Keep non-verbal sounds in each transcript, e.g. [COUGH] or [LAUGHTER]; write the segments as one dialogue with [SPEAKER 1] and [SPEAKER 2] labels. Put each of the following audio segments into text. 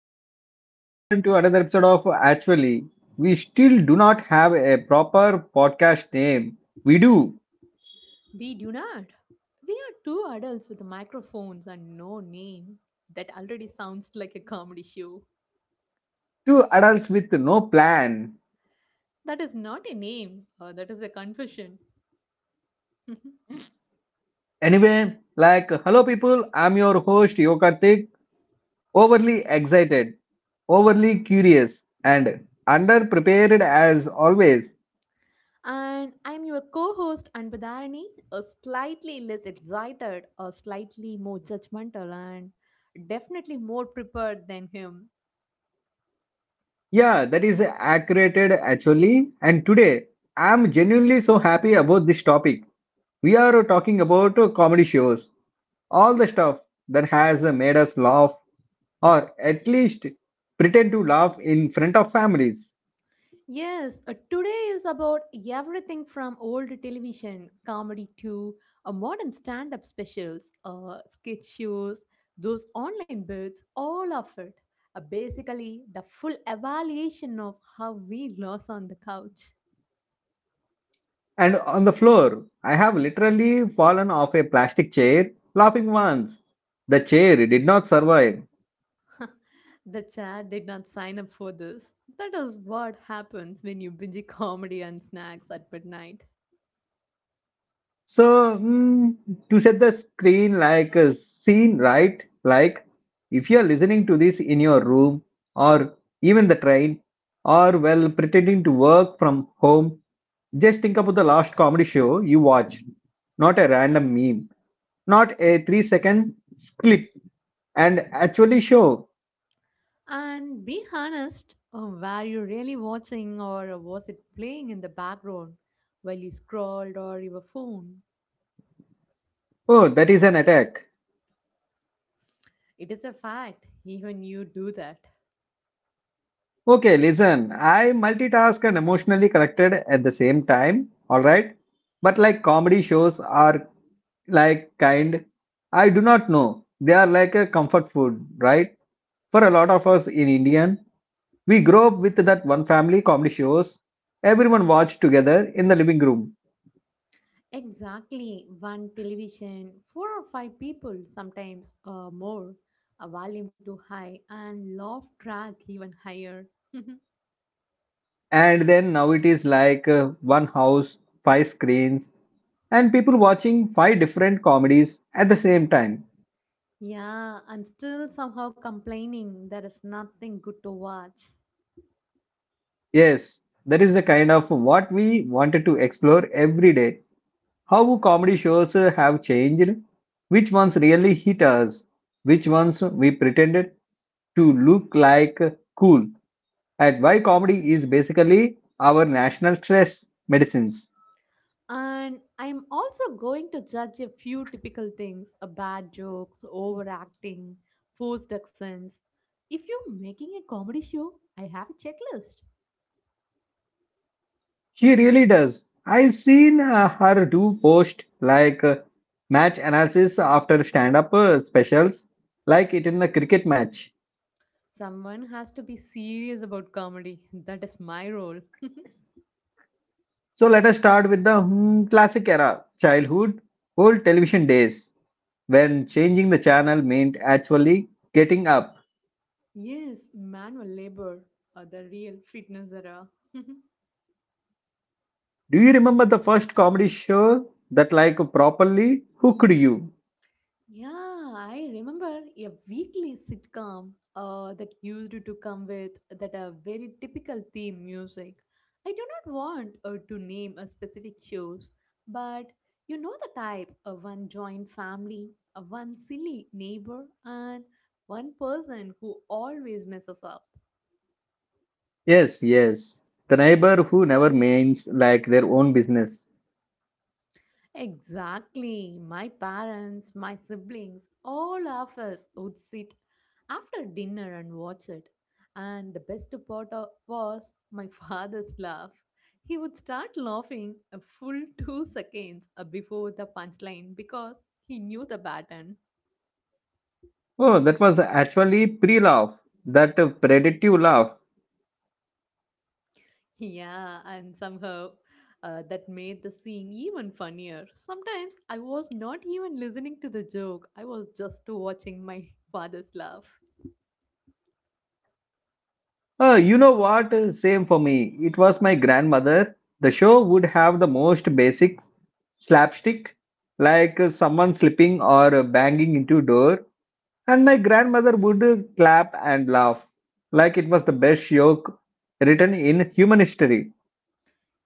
[SPEAKER 1] Welcome back, everyone, to another episode of Actually. We still do not have a proper podcast name. We do.
[SPEAKER 2] We do not. We are two adults with microphones and no name. That already sounds like a comedy show.
[SPEAKER 1] Two adults with no plan.
[SPEAKER 2] That is not a name, that is a confession. [LAUGHS]
[SPEAKER 1] Anyway, hello, people. I'm your host, Yokartik. Overly excited, overly curious, and underprepared as always.
[SPEAKER 2] And I'm your co host, Anbadharani, a slightly less excited, a slightly more judgmental, and definitely more prepared than him.
[SPEAKER 1] Yeah, that is accurate, actually. And today, I'm genuinely so happy about this topic. We are talking about comedy shows. All the stuff that has made us laugh, or at least pretend to laugh in front of families.
[SPEAKER 2] Yes, today is about everything from old television comedy to modern stand up specials, sketch shows, those online bits, all of it. Basically, the full evaluation of how we lost on the couch.
[SPEAKER 1] And on the floor, I have literally fallen off a plastic chair laughing once. The chair did not survive.
[SPEAKER 2] [LAUGHS] The chat did not sign up for this. That is what happens when you binge comedy and snacks at midnight.
[SPEAKER 1] So, to set the screen like a scene, right? Like, if you are listening to this in your room or even the train or while pretending to work from home, just think about the last comedy show you watched. Not a random meme, not a 3 second clip, and actually show.
[SPEAKER 2] And be honest, were you really watching or was it playing in the background while you scrolled or your phone?
[SPEAKER 1] Oh, that is an attack.
[SPEAKER 2] It is a fact, even you do that.
[SPEAKER 1] Okay, listen, I multitask and emotionally connected at the same time, alright? But like comedy shows are like I do not know. They are like a comfort food, right? For a lot of us in Indian, we grow up with that one family comedy shows everyone watched together in the living room.
[SPEAKER 2] Exactly, one television, four or five people, sometimes more, a volume too high, and laugh track even higher. [LAUGHS]
[SPEAKER 1] And then now it is like one house, five screens, and people watching five different comedies at the same time.
[SPEAKER 2] Yeah, and still somehow complaining there is nothing good to watch.
[SPEAKER 1] Yes, that is the kind of what we wanted to explore every day. How comedy shows have changed, which ones really hit us, which ones we pretended to look like cool, and why comedy is basically our national stress medicines.
[SPEAKER 2] And I'm also going to judge a few typical things a bad jokes, overacting, forced accents. If you're making a comedy show, I have a checklist.
[SPEAKER 1] She really does. I've seen her do post like match analysis after stand up specials, like it in the cricket match.
[SPEAKER 2] Someone has to be serious about comedy. That is my role.
[SPEAKER 1] So let us start with the classic era, childhood, old television days, when changing the channel meant actually getting up.
[SPEAKER 2] Yes, manual labor, or the real fitness era. [LAUGHS]
[SPEAKER 1] Do you remember the first comedy show that like properly hooked you?
[SPEAKER 2] Yeah, I remember a weekly sitcom that used to come with that a very typical theme music. I do not want to name a specific shows, but you know the type: a one joint family, a one silly neighbor, and one person who always messes up.
[SPEAKER 1] Yes, yes. The neighbor who never names like their own business.
[SPEAKER 2] Exactly. My parents, my siblings, all of us would sit after dinner and watch it. And the best part of- was my [LAUGHS] father's laugh. He would start laughing a full 2 seconds before the punchline because he knew the pattern.
[SPEAKER 1] Oh, that was actually pre-laugh, that predictive laugh.
[SPEAKER 2] Yeah, and somehow that made the scene even funnier. Sometimes I was not even listening to the joke, I was just watching my [LAUGHS] father's laugh.
[SPEAKER 1] You know what? Same for me. It was my grandmother. The show would have the most basic slapstick, like someone slipping or banging into a door, and my grandmother would clap and laugh, like it was the best joke written in human history.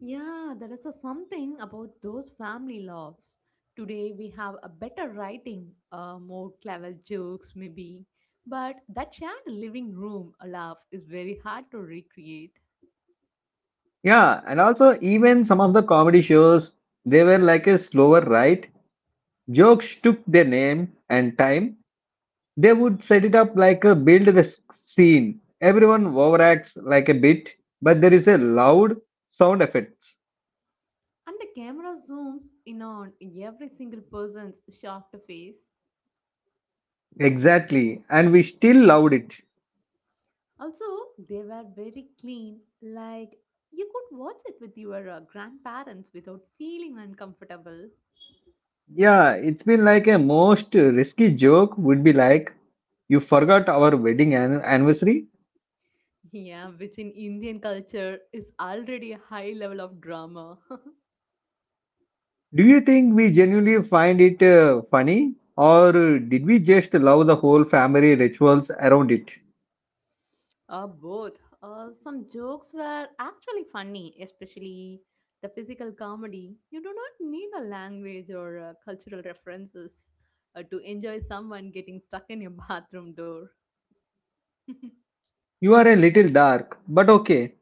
[SPEAKER 2] Yeah, there is a something about those family loves. Today we have a better writing, more clever jokes maybe, but that shared living room a laugh is very hard to recreate.
[SPEAKER 1] Yeah, and also even some of the comedy shows, they were like a slower ride. Jokes took their name and time. They would set it up like a build scene. Everyone overacts like a bit, but there is a loud sound effects.
[SPEAKER 2] And the camera zooms in on every single person's shocked face.
[SPEAKER 1] Exactly, and we still loved it.
[SPEAKER 2] Also, they were very clean, like you could watch it with your grandparents without feeling uncomfortable.
[SPEAKER 1] Yeah, it's been like a most risky joke would be like, you forgot our wedding anniversary.
[SPEAKER 2] Yeah, which in Indian culture is already a high level of drama. [LAUGHS]
[SPEAKER 1] Do you think we genuinely find it funny, or did we just love the whole family rituals around it?
[SPEAKER 2] Both. Some jokes were actually funny, especially the physical comedy. You do not need a language or cultural references to enjoy someone getting stuck in your [LAUGHS] bathroom door. [LAUGHS]
[SPEAKER 1] You are a little dark, but okay.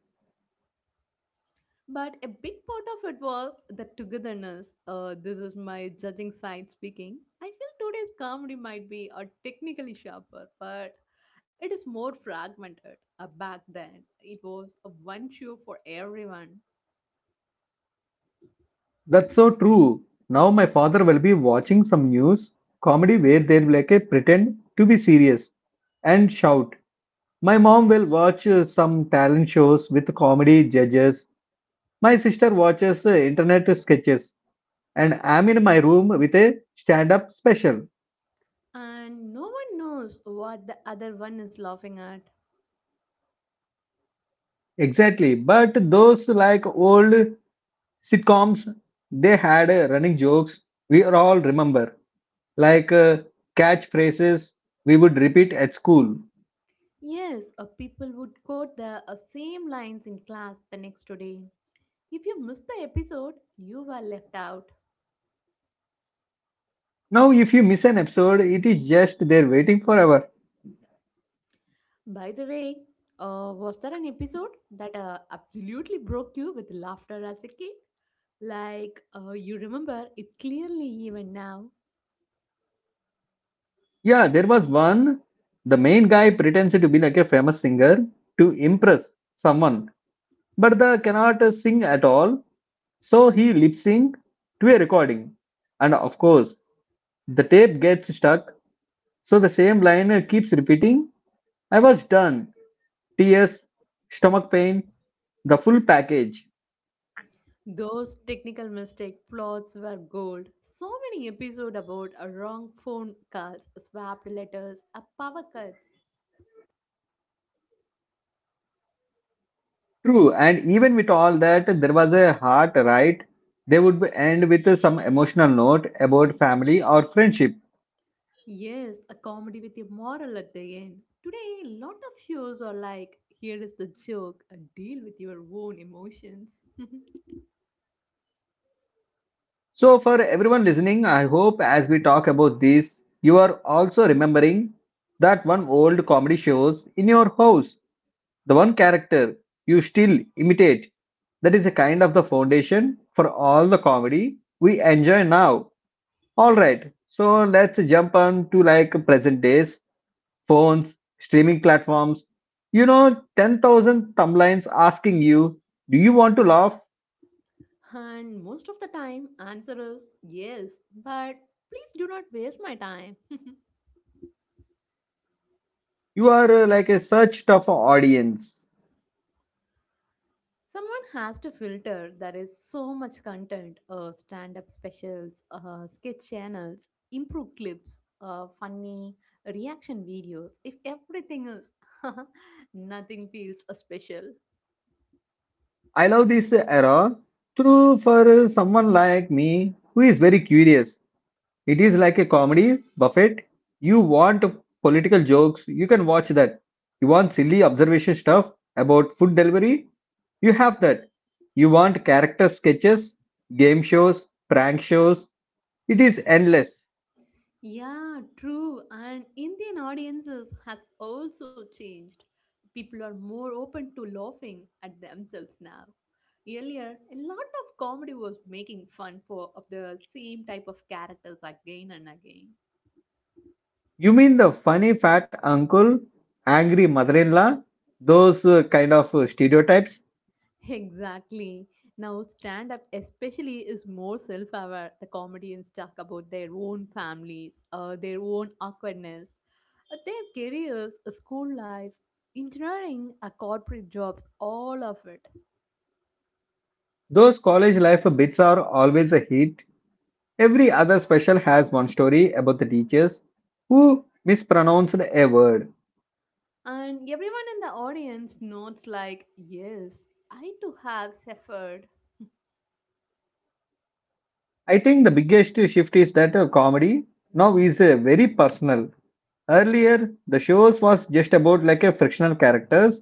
[SPEAKER 2] But a big part of it was the togetherness. This is my judging side speaking. I feel today's comedy might be technically sharper, but it is more fragmented. Back then, it was a one show for everyone.
[SPEAKER 1] That's so true. Now my father will be watching some news comedy where they'll like a pretend to be serious and shout. My mom will watch some talent shows with comedy judges. My sister watches internet sketches and I'm in my room with a stand-up special.
[SPEAKER 2] And no one knows what the other one is laughing at.
[SPEAKER 1] Exactly. But those like old sitcoms, they had running jokes we all remember, like catchphrases we would repeat at school.
[SPEAKER 2] Yes, people would quote the same lines in class the next day. If you missed the episode, you were left out.
[SPEAKER 1] Now, if you miss an episode, it is just there waiting forever.
[SPEAKER 2] By the way, was there an episode that absolutely broke you with laughter as a kid? Like, you remember it clearly even now.
[SPEAKER 1] Yeah, there was one. The main guy pretends to be like a famous singer to impress someone, but the cannot sing at all. So he lip sync to a recording, and of course, the tape gets stuck. So the same line keeps repeating. I was done. Tears, stomach pain, the full package.
[SPEAKER 2] Those technical mistake plots were gold. So many episodes about a wrong phone calls, swapped letters, a power cuts.
[SPEAKER 1] True, and even with all that, there was a heart, right? They would end with some emotional note about family or friendship.
[SPEAKER 2] Yes, a comedy with a moral at the end. Today, a lot of shows are like, here is the joke, a deal with your own emotions. [LAUGHS]
[SPEAKER 1] So, for everyone listening, I hope as we talk about this, you are also remembering that one old comedy shows in your house, the one character you still imitate. That is a kind of the foundation for all the comedy we enjoy now. All right, so let's jump on to like present days phones, streaming platforms, you know, 10,000 thumblines asking you, do you want to laugh?
[SPEAKER 2] And most of the time, answer is yes, but please do not waste my time.
[SPEAKER 1] You are like a search tough audience.
[SPEAKER 2] Someone has to filter. There is so much content stand up specials, sketch channels, improv clips, funny reaction videos. If everything is, [LAUGHS] nothing feels special.
[SPEAKER 1] I love this era through for someone like me who is very curious. It is like a comedy buffet. You want political jokes, you can watch that. You want silly observation stuff about food delivery, you have that. You want character sketches, game shows, prank shows. It is endless.
[SPEAKER 2] Yeah, true. And Indian audiences has also changed. People are more open to laughing at themselves now. Earlier, a lot of comedy was making fun for of the same type of characters again and again.
[SPEAKER 1] You mean the funny fat uncle, angry mother-in-law, those kind of stereotypes?
[SPEAKER 2] [LAUGHS] Exactly. Now stand up especially is more self-aware. The comedians talk about their own families, their own awkwardness, their careers, school life, engineering, corporate jobs, all of it.
[SPEAKER 1] Those college life bits are always a hit. Every other special has one story about the teachers who mispronounced a word.
[SPEAKER 2] And everyone in the audience nods like, yes, I too have suffered.
[SPEAKER 1] I think the biggest shift is that comedy now is very personal. Earlier, the shows was just about like a frictional characters.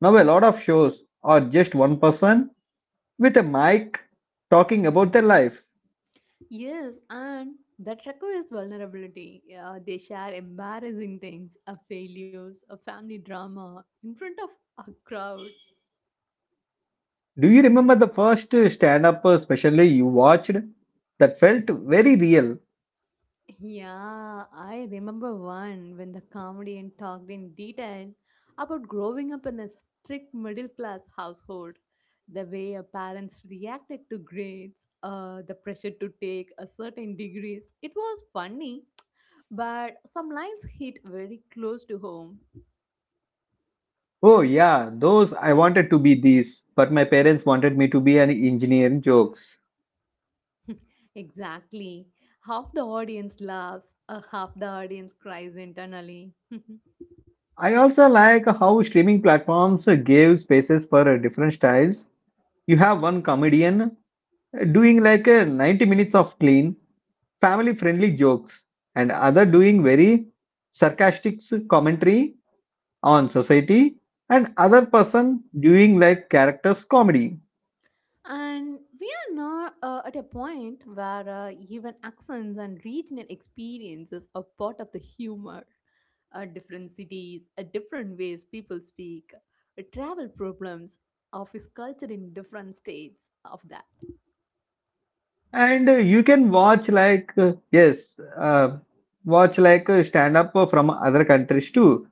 [SPEAKER 1] Now a lot of shows are just one person with a mic talking about their life.
[SPEAKER 2] Yes, and that requires vulnerability. Yeah, they share embarrassing things, failures, a family drama in front of a crowd.
[SPEAKER 1] Do you remember the first stand up specially you watched that felt very real?
[SPEAKER 2] Yeah, I remember one when the comedian talked in detail about growing up in a strict middle class household, the way our parents reacted to grades, the pressure to take a certain degrees. It was funny, but some lines hit very close to home.
[SPEAKER 1] Oh, yeah, those I wanted to be these, but my parents wanted me to be an engineer jokes.
[SPEAKER 2] Exactly. Half the audience laughs, half the audience cries internally. [LAUGHS]
[SPEAKER 1] I also like how streaming platforms gave spaces for different styles. You have one comedian doing like a 90 minutes of clean, family friendly jokes, and other doing very sarcastic commentary on society, and other person doing like characters comedy.
[SPEAKER 2] And we are now at a point where even accents and regional experiences are part of the humor. Different cities, different ways people speak, travel problems, office culture in different states of that.
[SPEAKER 1] And you can watch like yes, watch like stand up from other countries too.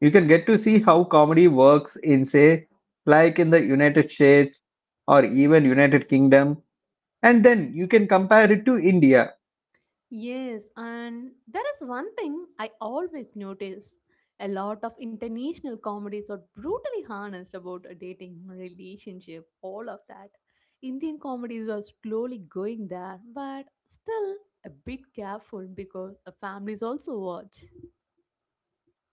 [SPEAKER 1] You can get to see how comedy works in say like in the United States or even United Kingdom, and then you can compare it to India.
[SPEAKER 2] Yes, and there is one thing I always notice. A lot of international comedies are brutally honest about a dating, relationship, all of that. Indian comedies are slowly going there, but still a bit careful because the families also watch.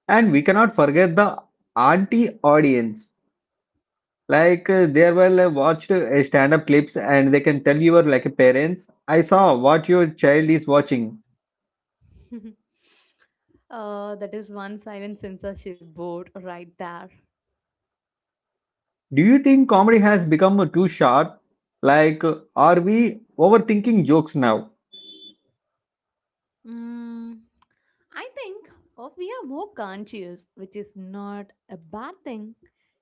[SPEAKER 1] And we cannot forget the auntie audience. Like they will watch stand up clips and they can tell your like parents, I saw what your child is watching.
[SPEAKER 2] [LAUGHS] That is one silent censorship board right there.
[SPEAKER 1] Do you think comedy has become too sharp? Like, are we overthinking jokes now?
[SPEAKER 2] Mm, I think of we are more conscious, which is not a bad thing.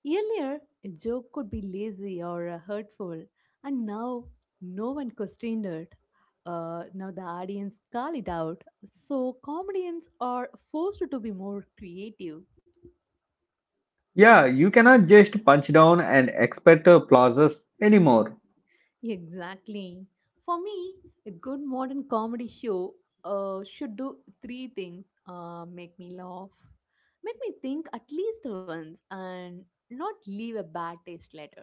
[SPEAKER 2] Earlier, a joke could be lazy or hurtful, and now no one questioned it. Now the audience call it out. So comedians are forced to be more creative.
[SPEAKER 1] Yeah, you cannot just punch down and expect applauses anymore.
[SPEAKER 2] Exactly. For me, a good modern comedy show should do three things make me laugh, make me think at least once, and not leave a bad taste later.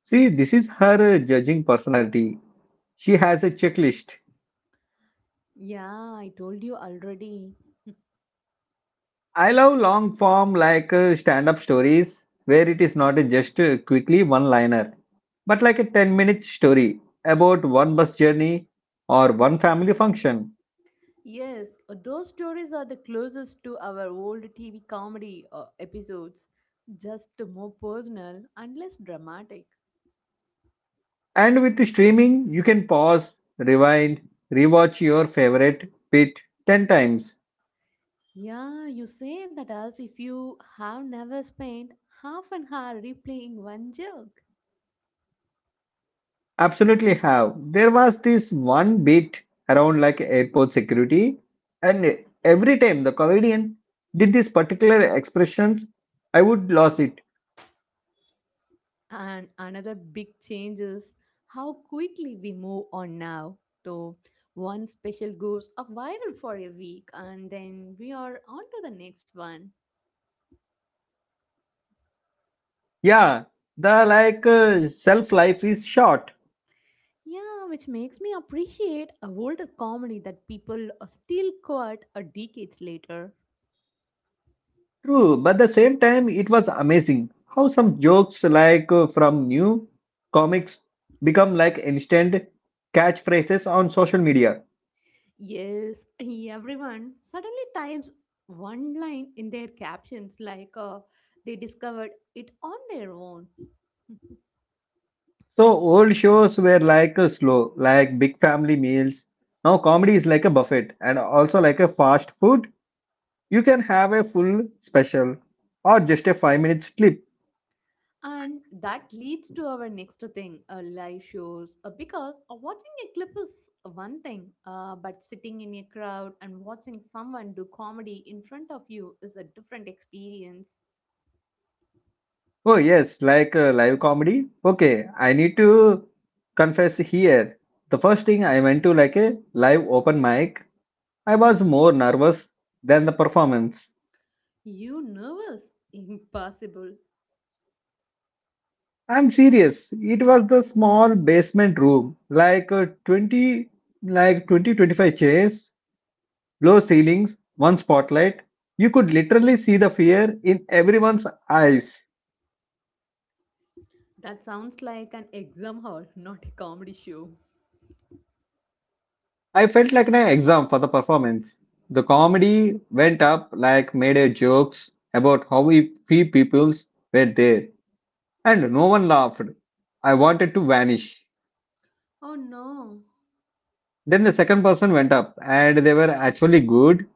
[SPEAKER 1] See, this is her judging personality. She has a checklist.
[SPEAKER 2] Yeah, I told you already.
[SPEAKER 1] I love long form like stand up stories where it is not just quickly one liner, but like a 10-minute story about one bus journey or one family function.
[SPEAKER 2] Yes, those stories are the closest to our old TV comedy episodes, just more personal and less dramatic.
[SPEAKER 1] And with streaming, you can pause, rewind, rewatch your favorite bit 10 times.
[SPEAKER 2] Yeah, you say that as if you have never spent half an hour replaying one joke.
[SPEAKER 1] Absolutely have. There was this one bit around like airport security, and every time the comedian did this particular expressions, I would lose it.
[SPEAKER 2] And another big change is how quickly we move on now. So one special goes up viral for a week and then we are on to the next one.
[SPEAKER 1] Yeah, the like self life is short.
[SPEAKER 2] Yeah, which makes me appreciate a older comedy that people are still quote a decades later.
[SPEAKER 1] True, but the same time, it was amazing how some jokes like from new comics become like instant catchphrases on social media.
[SPEAKER 2] Yes, everyone suddenly types one line in their captions like they discovered it on their own. [LAUGHS]
[SPEAKER 1] So old shows were like slow, like big family meals. Now comedy is like a buffet and also like a fast food. You can have a full special or just a 5 minute clip.
[SPEAKER 2] And that leads to our next thing, live shows. Because watching a clip is one thing, but sitting in a crowd and watching someone do comedy in front of you is a different experience.
[SPEAKER 1] Oh yes, like live comedy. Okay, I need to confess here. The first thing I went to like a live open mic, I was more nervous than the performance.
[SPEAKER 2] You nervous? Impossible.
[SPEAKER 1] I'm serious. It was the small basement room, like 20 like 20 25 chairs, low ceilings, one spotlight. You could literally see the fear in everyone's eyes.
[SPEAKER 2] That sounds like an exam hall, not a comedy show.
[SPEAKER 1] I felt like an exam for the performance. The comedy went up like made jokes about how we few peoples were there and no one laughed. I wanted to vanish.
[SPEAKER 2] Oh no.
[SPEAKER 1] Then the second person went up, and they were actually good.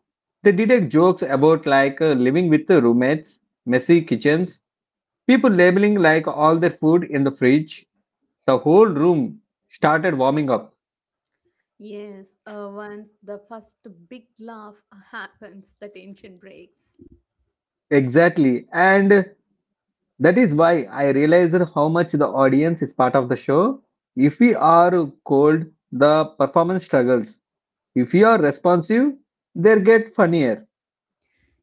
[SPEAKER 1] They did a jokes about like living with the roommates, messy kitchens, people labeling like all their food in the fridge. The whole room started warming up.
[SPEAKER 2] Yes, once the first big laugh happens, the tension breaks.
[SPEAKER 1] Exactly, and that is why I realized how much the audience is part of the show. If we are cold, the performance struggles. If we are responsive, they get funnier.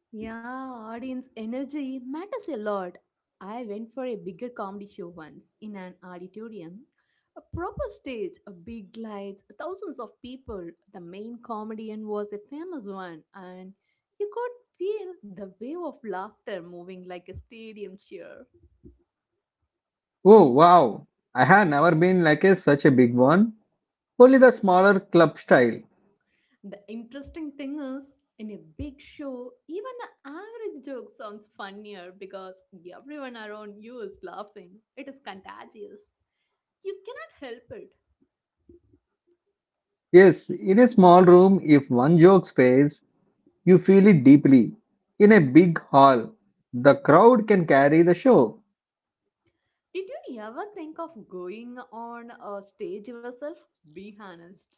[SPEAKER 2] Yeah, audience energy matters a lot. I went for a bigger comedy show once in an auditorium. A proper stage, a big lights, thousands of people. The main comedian was a famous one, and you could feel the wave of laughter moving like a stadium cheer.
[SPEAKER 1] Oh wow, I have never been like a, such a big one. Only the smaller club style.
[SPEAKER 2] The interesting thing is, in a big show, even an average joke sounds funnier because everyone around you is laughing. It is contagious. You cannot help it.
[SPEAKER 1] Yes, in a small room, if one joke fails, you feel it deeply. In a big hall, the crowd can carry the show.
[SPEAKER 2] Did you ever think of going on a stage yourself? Be honest.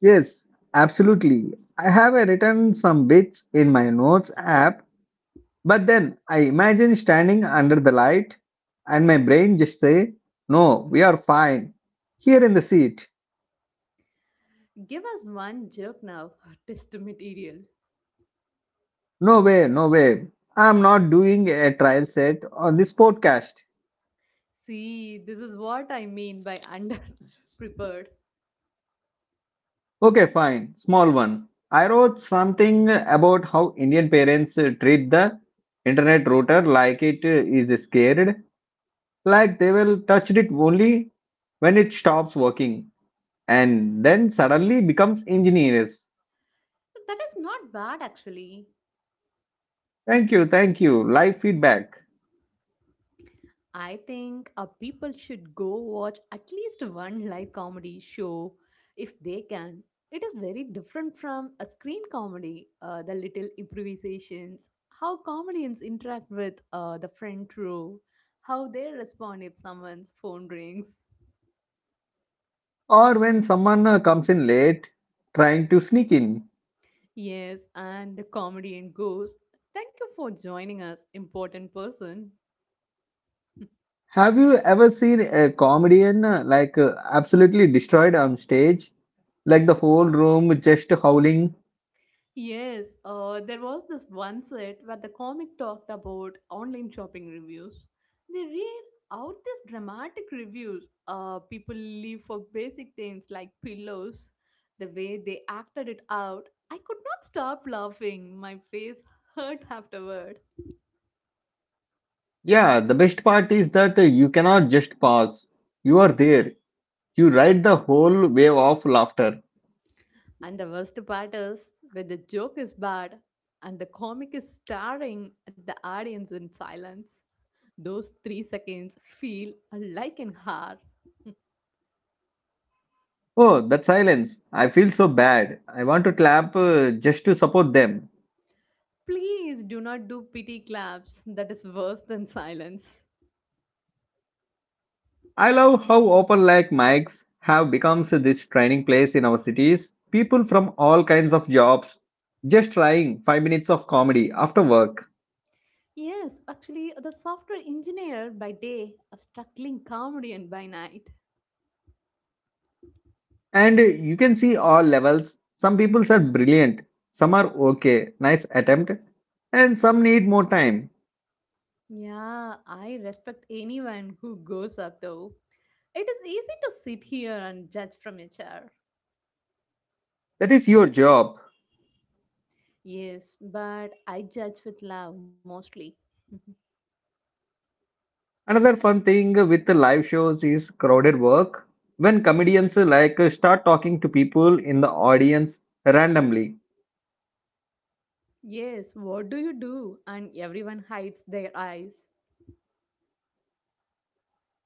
[SPEAKER 1] Yes, absolutely. I have written some bits in my notes app, but then I imagine standing under the light and my brain just say, "No, we are fine. Here in the seat.
[SPEAKER 2] Give us one joke now, test material.
[SPEAKER 1] No way, no way. I'm not doing a trial set on this podcast."
[SPEAKER 2] See, this is what I mean by [LAUGHS] under prepared.
[SPEAKER 1] Okay, fine. Small one. I wrote something about how Indian parents treat the internet router like it is scared, like they will touch it only when it stops working and then suddenly becomes engineers.
[SPEAKER 2] That is not bad actually.
[SPEAKER 1] Thank you, thank you. Live feedback.
[SPEAKER 2] I think people should go watch at least one live comedy show if they can. It is very different from a screen comedy, the little improvisations, how comedians interact with the front row, how they respond if someone's phone rings.
[SPEAKER 1] Or when someone comes in late trying to sneak in.
[SPEAKER 2] Yes, and the comedian goes, "Thank you for joining us, important person."
[SPEAKER 1] Have you ever seen a comedian like absolutely destroyed on stage? Like the whole room just howling.
[SPEAKER 2] Yes, there was this one set where the comic talked about online shopping reviews. They read out these dramatic reviews people leave for basic things like pillows. The way they acted it out, I could not stop laughing. My face hurt afterward.
[SPEAKER 1] Yeah, the best part is that you cannot just pause. You are there. You ride the whole wave of laughter.
[SPEAKER 2] And the worst part is when the joke is bad and the comic is staring at the audience in silence, those 3 seconds feel like an hour.
[SPEAKER 1] Oh, that silence. I feel so bad. I want to clap, just to support them.
[SPEAKER 2] Please do not do pity claps. That is worse than silence.
[SPEAKER 1] I love how open like mics have become this training place in our cities. People from all kinds of jobs just trying 5 minutes of comedy after work.
[SPEAKER 2] Yes, actually, the software engineer by day, a struggling comedian by night.
[SPEAKER 1] And you can see all levels. Some people are brilliant. Some are okay. Nice attempt. And some need more time.
[SPEAKER 2] Yeah, I respect anyone who goes up though. It is easy to sit here and judge from your chair.
[SPEAKER 1] That is your job.
[SPEAKER 2] Yes, but I judge with love mostly. [LAUGHS]
[SPEAKER 1] Another fun thing with the live shows is crowded work, when comedians like start talking to people in the audience randomly.
[SPEAKER 2] Yes, what do you do? And everyone hides their eyes.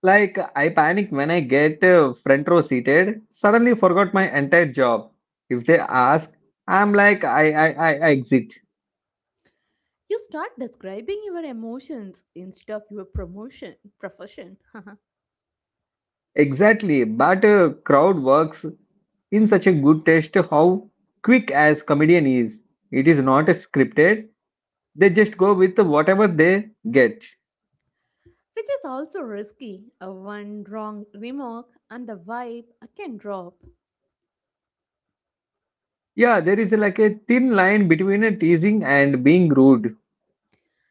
[SPEAKER 1] Like I panic when I get, front row seated, suddenly forgot my entire job. If they ask, I'm like I exit.
[SPEAKER 2] You start describing your emotions instead of your promotion, profession. [LAUGHS]
[SPEAKER 1] Exactly, but crowd works in such a good taste how quick as comedian is. It is not scripted. They just go with whatever they get.
[SPEAKER 2] Which is also risky. A one wrong remark and the vibe can drop.
[SPEAKER 1] Yeah, there is like a thin line between a teasing and being rude.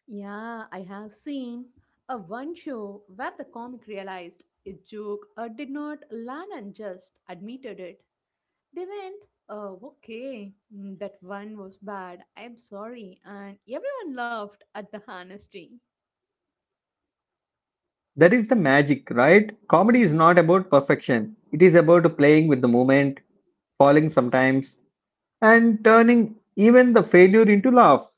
[SPEAKER 2] Yeah, I have seen a one show where the comic realized a joke did not land and just admitted it. They went, "Oh, okay, that one was bad. I'm sorry," and everyone laughed at the honesty.
[SPEAKER 1] That is the magic, right? Comedy is not about perfection. It is about playing with the moment, falling sometimes, and turning even the failure into laugh.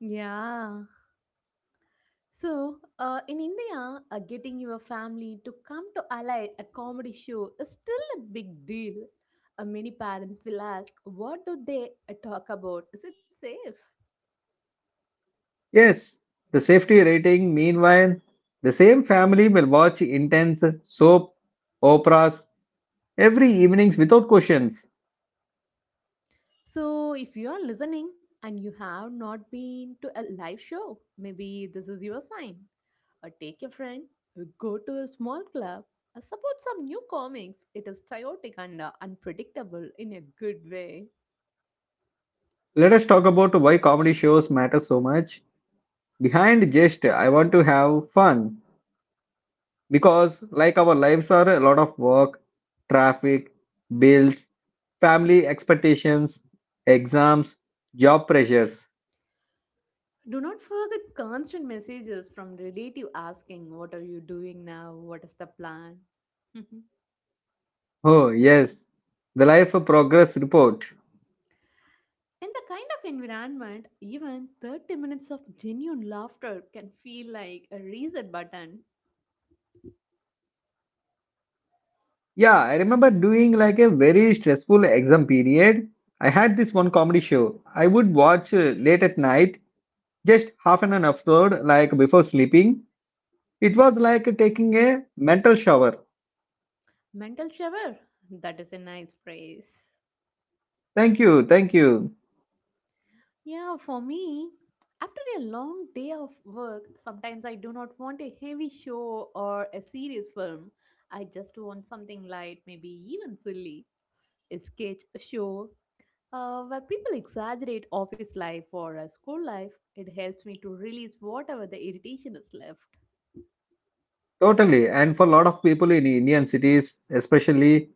[SPEAKER 2] Yeah. So, in India, getting your family to come to ally a comedy show is still a big deal. Many parents will ask, "What do they talk about? Is it safe?"
[SPEAKER 1] Yes, the safety rating, meanwhile, the same family will watch intense soap operas every evenings without questions.
[SPEAKER 2] So, if you are listening and you have not been to a live show, maybe this is your sign. Or take a friend, go to a small club, support some new comics. It is chaotic and unpredictable in a good way.
[SPEAKER 1] Let us talk about why comedy shows matter so much, behind just I want to have fun, because like our lives are a lot of work, traffic, bills, family expectations, exams, job pressures.
[SPEAKER 2] Do not forget constant messages from relative asking, "What are you doing now? What is the plan?" [LAUGHS]
[SPEAKER 1] Oh yes, the life progress report.
[SPEAKER 2] In the kind of environment, even 30 minutes of genuine laughter can feel like a reset button.
[SPEAKER 1] Yeah, I remember doing like a very stressful exam period. I had this one comedy show I would watch late at night, just half an hour upload like before sleeping. It was like taking a mental shower.
[SPEAKER 2] Mental shower. That is a nice phrase.
[SPEAKER 1] Thank you, thank you.
[SPEAKER 2] Yeah, for me, after a long day of work, sometimes I do not want a heavy show or a serious film. I just want something light, maybe even silly. A sketch, a show, where people exaggerate office life or school life, it helps me to release whatever the irritation is left.
[SPEAKER 1] Totally. And for a lot of people in Indian cities, especially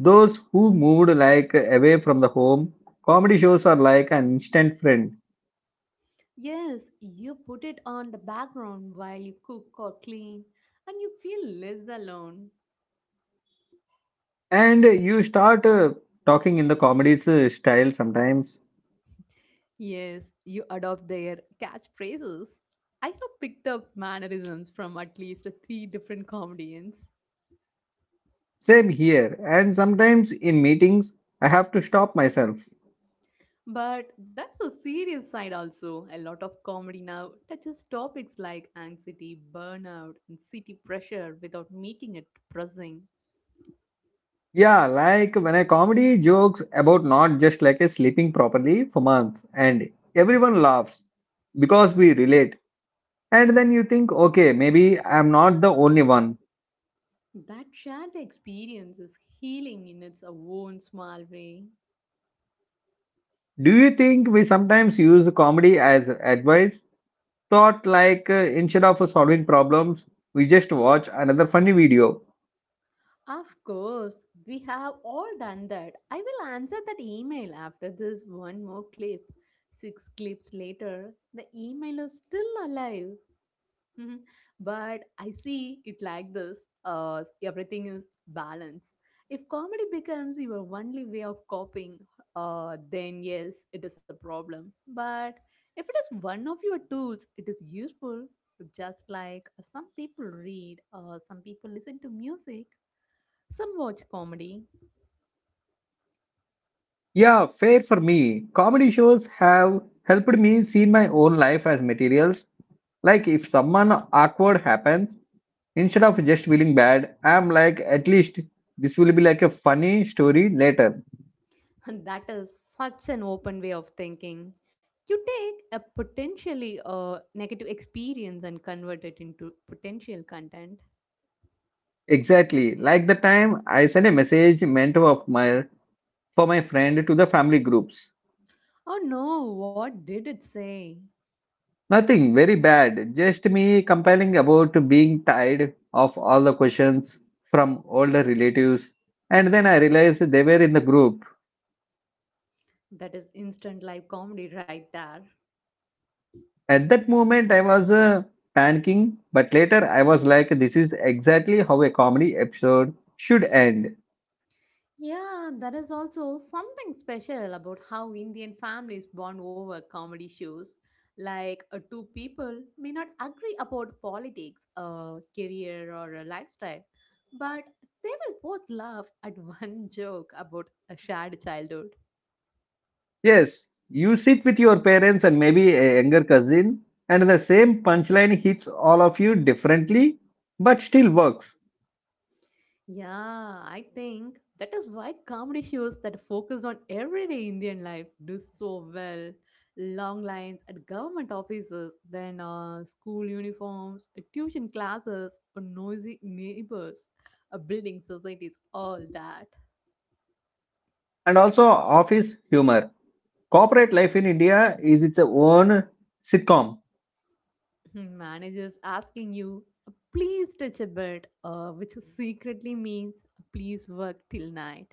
[SPEAKER 1] those who moved like away from the home, comedy shows are like an instant friend.
[SPEAKER 2] Yes, you put it on the background while you cook or clean, and you feel less alone.
[SPEAKER 1] And you start, talking in the comedy's, style sometimes.
[SPEAKER 2] Yes, you adopt their catchphrases. I have picked up mannerisms from at least three different comedians.
[SPEAKER 1] Same here. And sometimes in meetings, I have to stop myself.
[SPEAKER 2] But that's a serious side also. A lot of comedy now touches topics like anxiety, burnout, and city pressure without making it depressing.
[SPEAKER 1] Yeah, like when a comedy jokes about not just like a sleeping properly for months, and everyone laughs because we relate. And then you think, okay, maybe I'm not the only one.
[SPEAKER 2] That shared experience is healing in its own small way.
[SPEAKER 1] Do you think we sometimes use comedy as advice? Thought like, instead of solving problems, we just watch another funny video.
[SPEAKER 2] Of course, we have all done that. I will answer that email after this one more clip. Six clips later, the email is still alive. Mhm. But I see it like this everything is balance. If comedy becomes your only way of coping, then yes, it is a problem. But if it is one of your tools, it is useful. Just like some people read, some people listen to music, some watch comedy.
[SPEAKER 1] Yeah, fair for me. Comedy shows have helped me see my own life as materials. Like if someone awkward happens, instead of just feeling bad, I'm like, at least this will be like a funny story later.
[SPEAKER 2] [LAUGHS] And that is such an open way of thinking. You take a potentially negative experience and convert it into potential content.
[SPEAKER 1] Exactly. Like the time I sent a message meant of my for my friend to the family groups.
[SPEAKER 2] Oh no, what did it say?
[SPEAKER 1] Nothing very bad, just me complaining about being tired of all the questions from older relatives. And then I realized they were in the group.
[SPEAKER 2] That is instant live comedy right there.
[SPEAKER 1] At that moment, I was, panicking, but later I was like, this is exactly how a comedy episode should end.
[SPEAKER 2] Yeah, that is also something special about how Indian families bond over comedy shows. Like, two people may not agree about politics, a career, or a lifestyle, but they will both laugh at [LAUGHS] one joke about a shared childhood.
[SPEAKER 1] Yes, you sit with your parents and maybe a younger cousin, and the same punchline hits all of you differently, but still works.
[SPEAKER 2] Yeah, I think that is why comedy shows that focus on everyday Indian life do so well. Long lines at government offices, then school uniforms, tuition classes, or noisy neighbors, building societies, all that.
[SPEAKER 1] And also, office humor. Corporate life in India is its own sitcom.
[SPEAKER 2] Mhm. Managers asking you, "please touch a bit," which secretly means please work till night.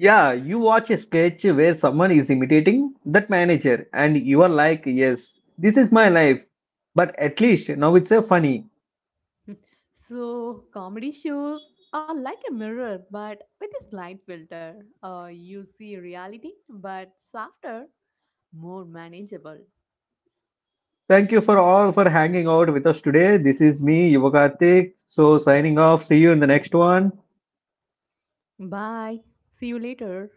[SPEAKER 1] Yeah, you watch a sketch where someone is imitating that manager, and you are like, yes, this is my life. But at least now it's a funny.
[SPEAKER 2] So, comedy shows are like a mirror, but with a slight filter. You see reality, but softer, more manageable.
[SPEAKER 1] Thank you for all for hanging out with us today. This is me, Yuva Karthik. So signing off. See you in the next one.
[SPEAKER 2] Bye. See you later.